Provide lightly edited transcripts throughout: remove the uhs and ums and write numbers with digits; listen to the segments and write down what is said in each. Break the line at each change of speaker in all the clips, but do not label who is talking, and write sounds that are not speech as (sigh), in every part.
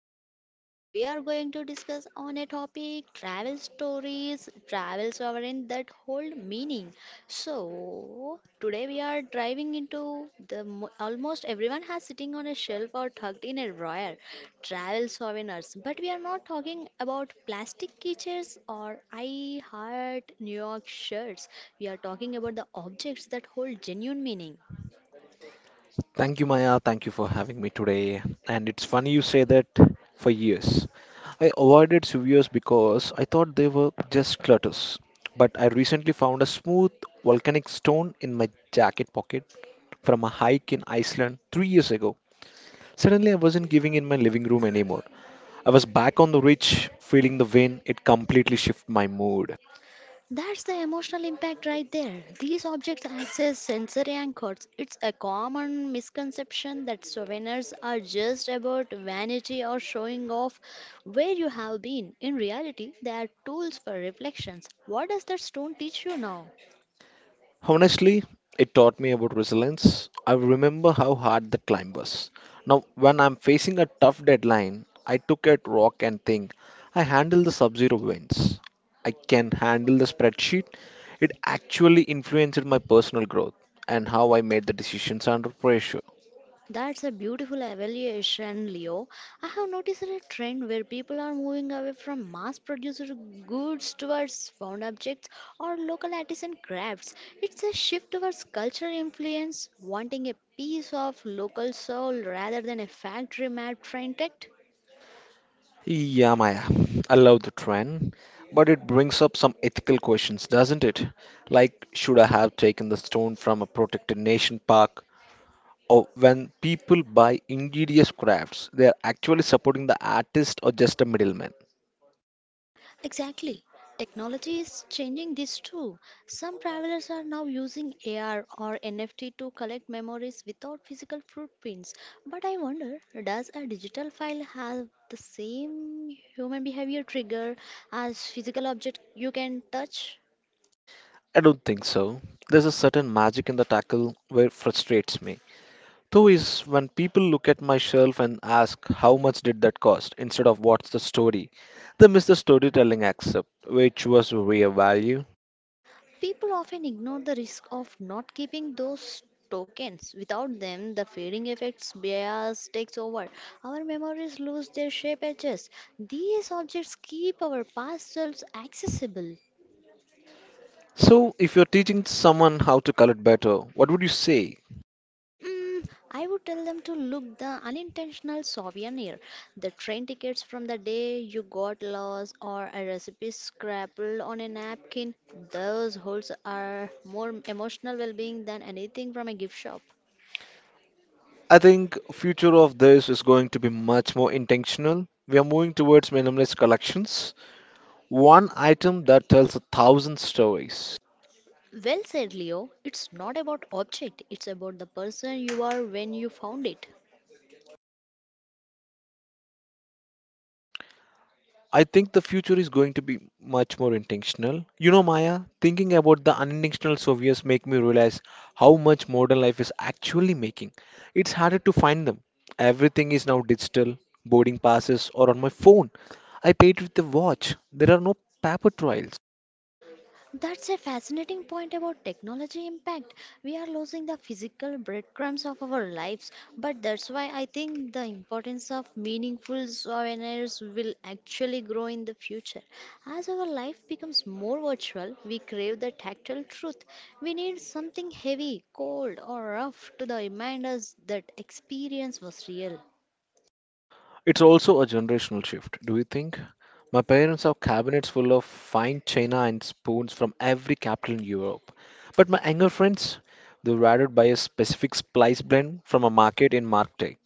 today and we are going to discuss on a topic travel stories, travel sovereign that hold meaning. So, today we are driving into the almost everyone has sitting on a shelf or tucked in a drawer travel souvenirs but we are not talking about plastic keychains or I heart New York shirts. We are talking about the objects that hold genuine meaning.
Thank you, Maya. Thank you for having me today. And it's funny you say that for years. I avoided severs because I thought they were just clutters. But I recently found a smooth volcanic stone in my jacket pocket from a hike in Iceland 3 years ago. Suddenly, I wasn't giving in my living room anymore. I was back on the ridge, feeling the wind. It completely shifted my mood.
That's the emotional impact right there. These objects act as sensory anchors. It's a common misconception that souvenirs are just about vanity or showing off where you have been. In reality, they are tools for reflections. What does that stone teach you now?
Honestly, it taught me about resilience. I remember how hard the climb was. Now, when I'm facing a tough deadline, I took a rock and think, I handle the sub-zero winds. I can handle the spreadsheet. It actually influenced my personal growth and how I made the decisions under pressure.
That's a beautiful evaluation, Leo. I have noticed a trend where people are moving away from mass produced goods towards found objects or local artisan crafts. It's a shift towards cultural influence, wanting a piece of local soul rather than a factory made trend.
Yeah, Maya, I love the trend, but it brings up some ethical questions, doesn't it? Like, should I have taken the stone from a protected nation park? Or when people buy ingenious crafts, they are actually supporting the artist or just a middleman.
Exactly. Technology is changing this too. Some travelers are now using AR or NFT to collect memories without physical footprints. But I wonder, does a digital file have the same human behavior trigger as physical object you can touch?
I don't think so. There's a certain magic in the tackle where frustrates me. Though is when people look at my shelf and ask how much did that cost instead of what's the story. They miss the storytelling aspect, which was real value.
People often ignore the risk of not keeping those tokens. Without them, the fading effects bias takes over. Our memories lose their shape edges. These objects keep our past selves accessible.
So if you're teaching someone how to color better, what would you say?
Mm, I would tell them to look the unintentional souvenir, the train tickets from the day you got lost, or a recipe scrappled on a napkin. Those holds are more emotional well-being than anything from a gift shop.
I think future of this is going to be much more intentional. We are moving towards minimalist collections. One item that tells a thousand stories.
Well said, Leo. It's not about object, it's about the person you are when you found it.
I think the future is going to be much more intentional. Maya, thinking about the unintentional souvenirs make me realize how much modern life is actually making. It's harder to find them. Everything is now digital, boarding passes, or on my phone. I paid with the watch. There are no paper trails.
That's a fascinating point about technology impact. We are losing the physical breadcrumbs of our lives, but that's why I think the importance of meaningful souvenirs will actually grow in the future. As our life becomes more virtual, we crave the tactile truth. We need something heavy, cold, or rough to remind us that experience was real.
It's also a generational shift, do you think? My parents have cabinets full of fine china and spoons from every capital in Europe. But my younger friends, they rather buy a specific spice blend from a market in Marktech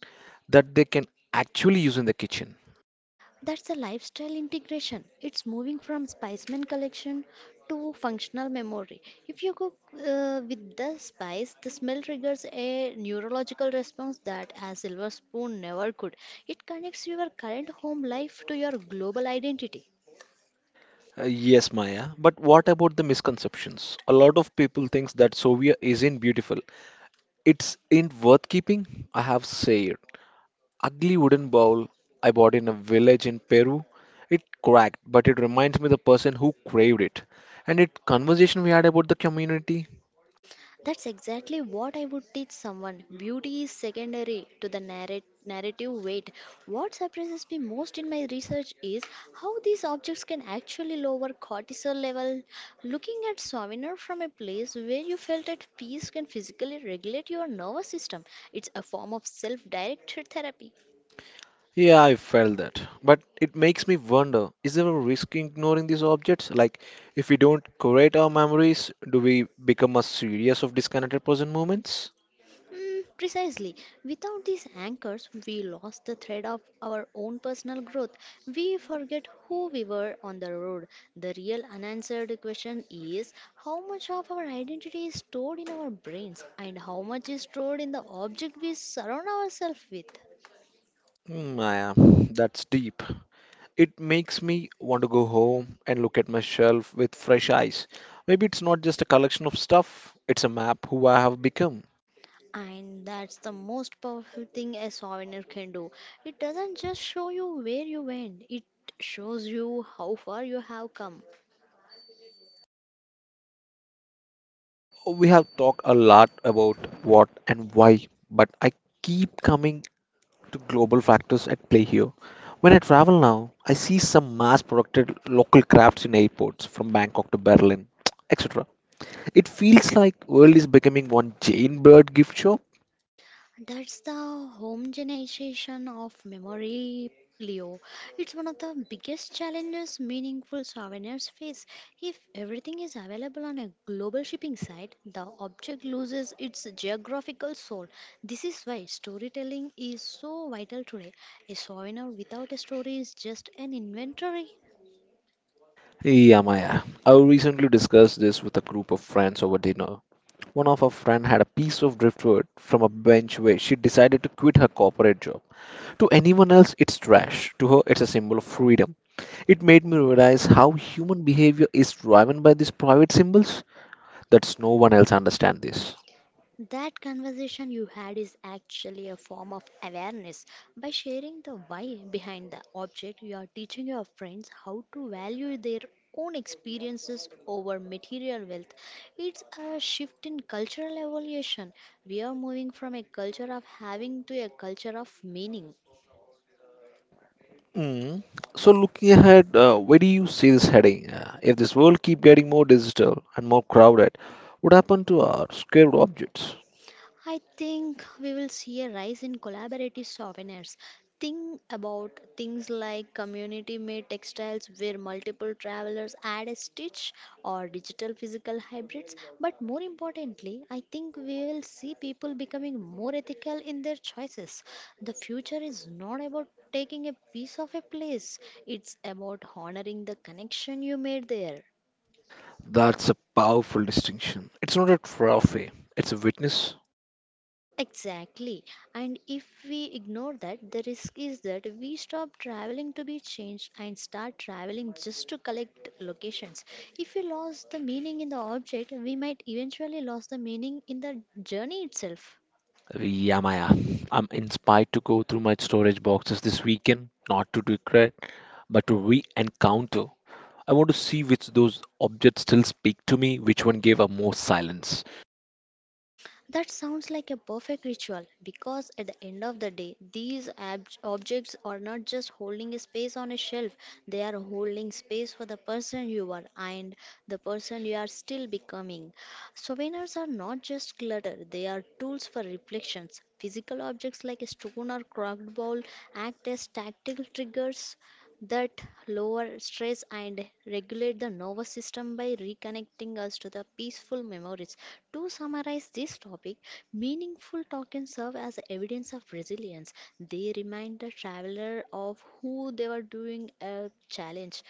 that they can actually use in the kitchen.
That's a lifestyle integration. It's moving from spiceman collection to functional memory. If you cook with the spice, the smell triggers a neurological response that a silver spoon never could. It connects your current home life to your global identity.
Yes, Maya, but what about the misconceptions? A lot of people thinks that Soviet isn't beautiful. It's in worth keeping. I have said ugly wooden bowl I bought in a village in Peru. It cracked, but it reminds me the person who craved it. And it conversation we had about the community.
That's exactly what I would teach someone. Beauty is secondary to the narrative weight. What surprises me most in my research is how these objects can actually lower cortisol level. Looking at souvenir from a place where you felt at peace can physically regulate your nervous system. It's a form of self-directed therapy.
Yeah, I felt that. But it makes me wonder, is there a risk in ignoring these objects? Like, if we don't curate our memories, do we become a series of disconnected present moments?
Mm, precisely. Without these anchors, we lost the thread of our own personal growth. We forget who we were on the road. The real unanswered question is how much of our identity is stored in our brains and how much is stored in the object we surround ourselves with.
Hmm, Maya, that's deep. It makes me want to go home and look at my shelf with fresh eyes. Maybe it's not just a collection of stuff, it's a map who I have become.
And that's the most powerful thing a souvenir can do. It doesn't just show you where you went, it shows you how far you have come.
We have talked a lot about what and why, but I keep coming to global factors at play here. When I travel now, I see some mass produced local crafts in airports from Bangkok to Berlin, (tsk) etc. It feels like world is becoming one Jane Bird gift shop.
That's the homogenization of memory, Leo. It's one of the biggest challenges meaningful souvenirs face. If everything is available on a global shipping site, the object loses its geographical soul. This is why storytelling is so vital today. A souvenir without a story is just an inventory.
Yeah, Maya. I recently discussed this with a group of friends over dinner. One of our friend had a piece of driftwood from a bench where she decided to quit her corporate job. To anyone else, it's trash. To her, it's a symbol of freedom. It made me realize how human behavior is driven by these private symbols. That's no one else understands this.
That conversation you had is actually a form of awareness. By sharing the why behind the object, you are teaching your friends how to value their own experiences over material wealth. It's a shift in cultural evolution. We are moving from a culture of having to a culture of meaning.
Mm. So looking ahead, where do you see this heading? If this world keep getting more digital and more crowded, what happened to our scared objects?
I think we will see a rise in collaborative souvenirs. Think about things like community made textiles where multiple travelers add a stitch or digital physical hybrids. But more importantly, I think we will see people becoming more ethical in their choices. The future is not about taking a piece of a place, it's about honoring the connection you made there.
That's a powerful distinction. It's not a trophy, it's a witness.
Exactly. And if we ignore that, the risk is that we stop traveling to be changed and start traveling just to collect locations. If we lost the meaning in the object, we might eventually lose the meaning in the journey itself.
Yeah, Maya. I'm inspired to go through my storage boxes this weekend, not to regret, but to re encounter. I want to see which those objects still speak to me, which one gave up more silence.
That sounds like a perfect ritual because at the end of the day, these objects are not just holding a space on a shelf, they are holding space for the person you are and the person you are still becoming. Souvenirs are not just clutter, they are tools for reflections. Physical objects like a stone or cracked bowl act as tactile triggers that lower stress and regulate the nervous system by reconnecting us to the peaceful memories. To summarize this topic, meaningful tokens serve as evidence of resilience. They remind the traveler of who they were during a challenge,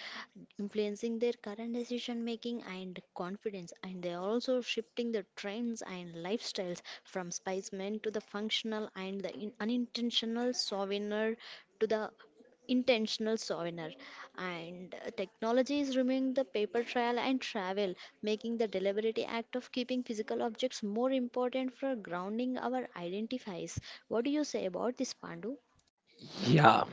influencing their current decision making and confidence. And they are also shifting the trends and lifestyles from spicemen to the functional and the unintentional souvenir to the intentional souvenir and technology is removing the paper trail and travel making the deliberate act of keeping physical objects more important for grounding our identifies. What do you say about this, Pandu?
Yeah,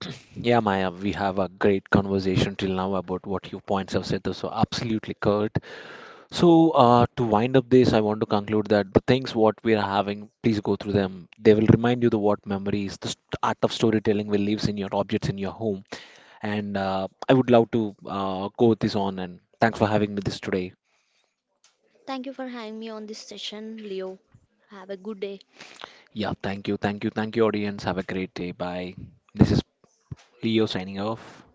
(clears throat) yeah, Maya, we have a great conversation till now about what your points have said. Those are absolutely correct. So, to wind up this, I want to conclude that the things what we are having, please go through them. They will remind you the what memories, the art of storytelling will lives in your objects in your home. And I would love to go with this on. And thanks for having me this today.
Thank you for having me on this session, Leo. Have a good day.
Yeah, thank you, thank you, audience. Have a great day. Bye. This is Leo signing off.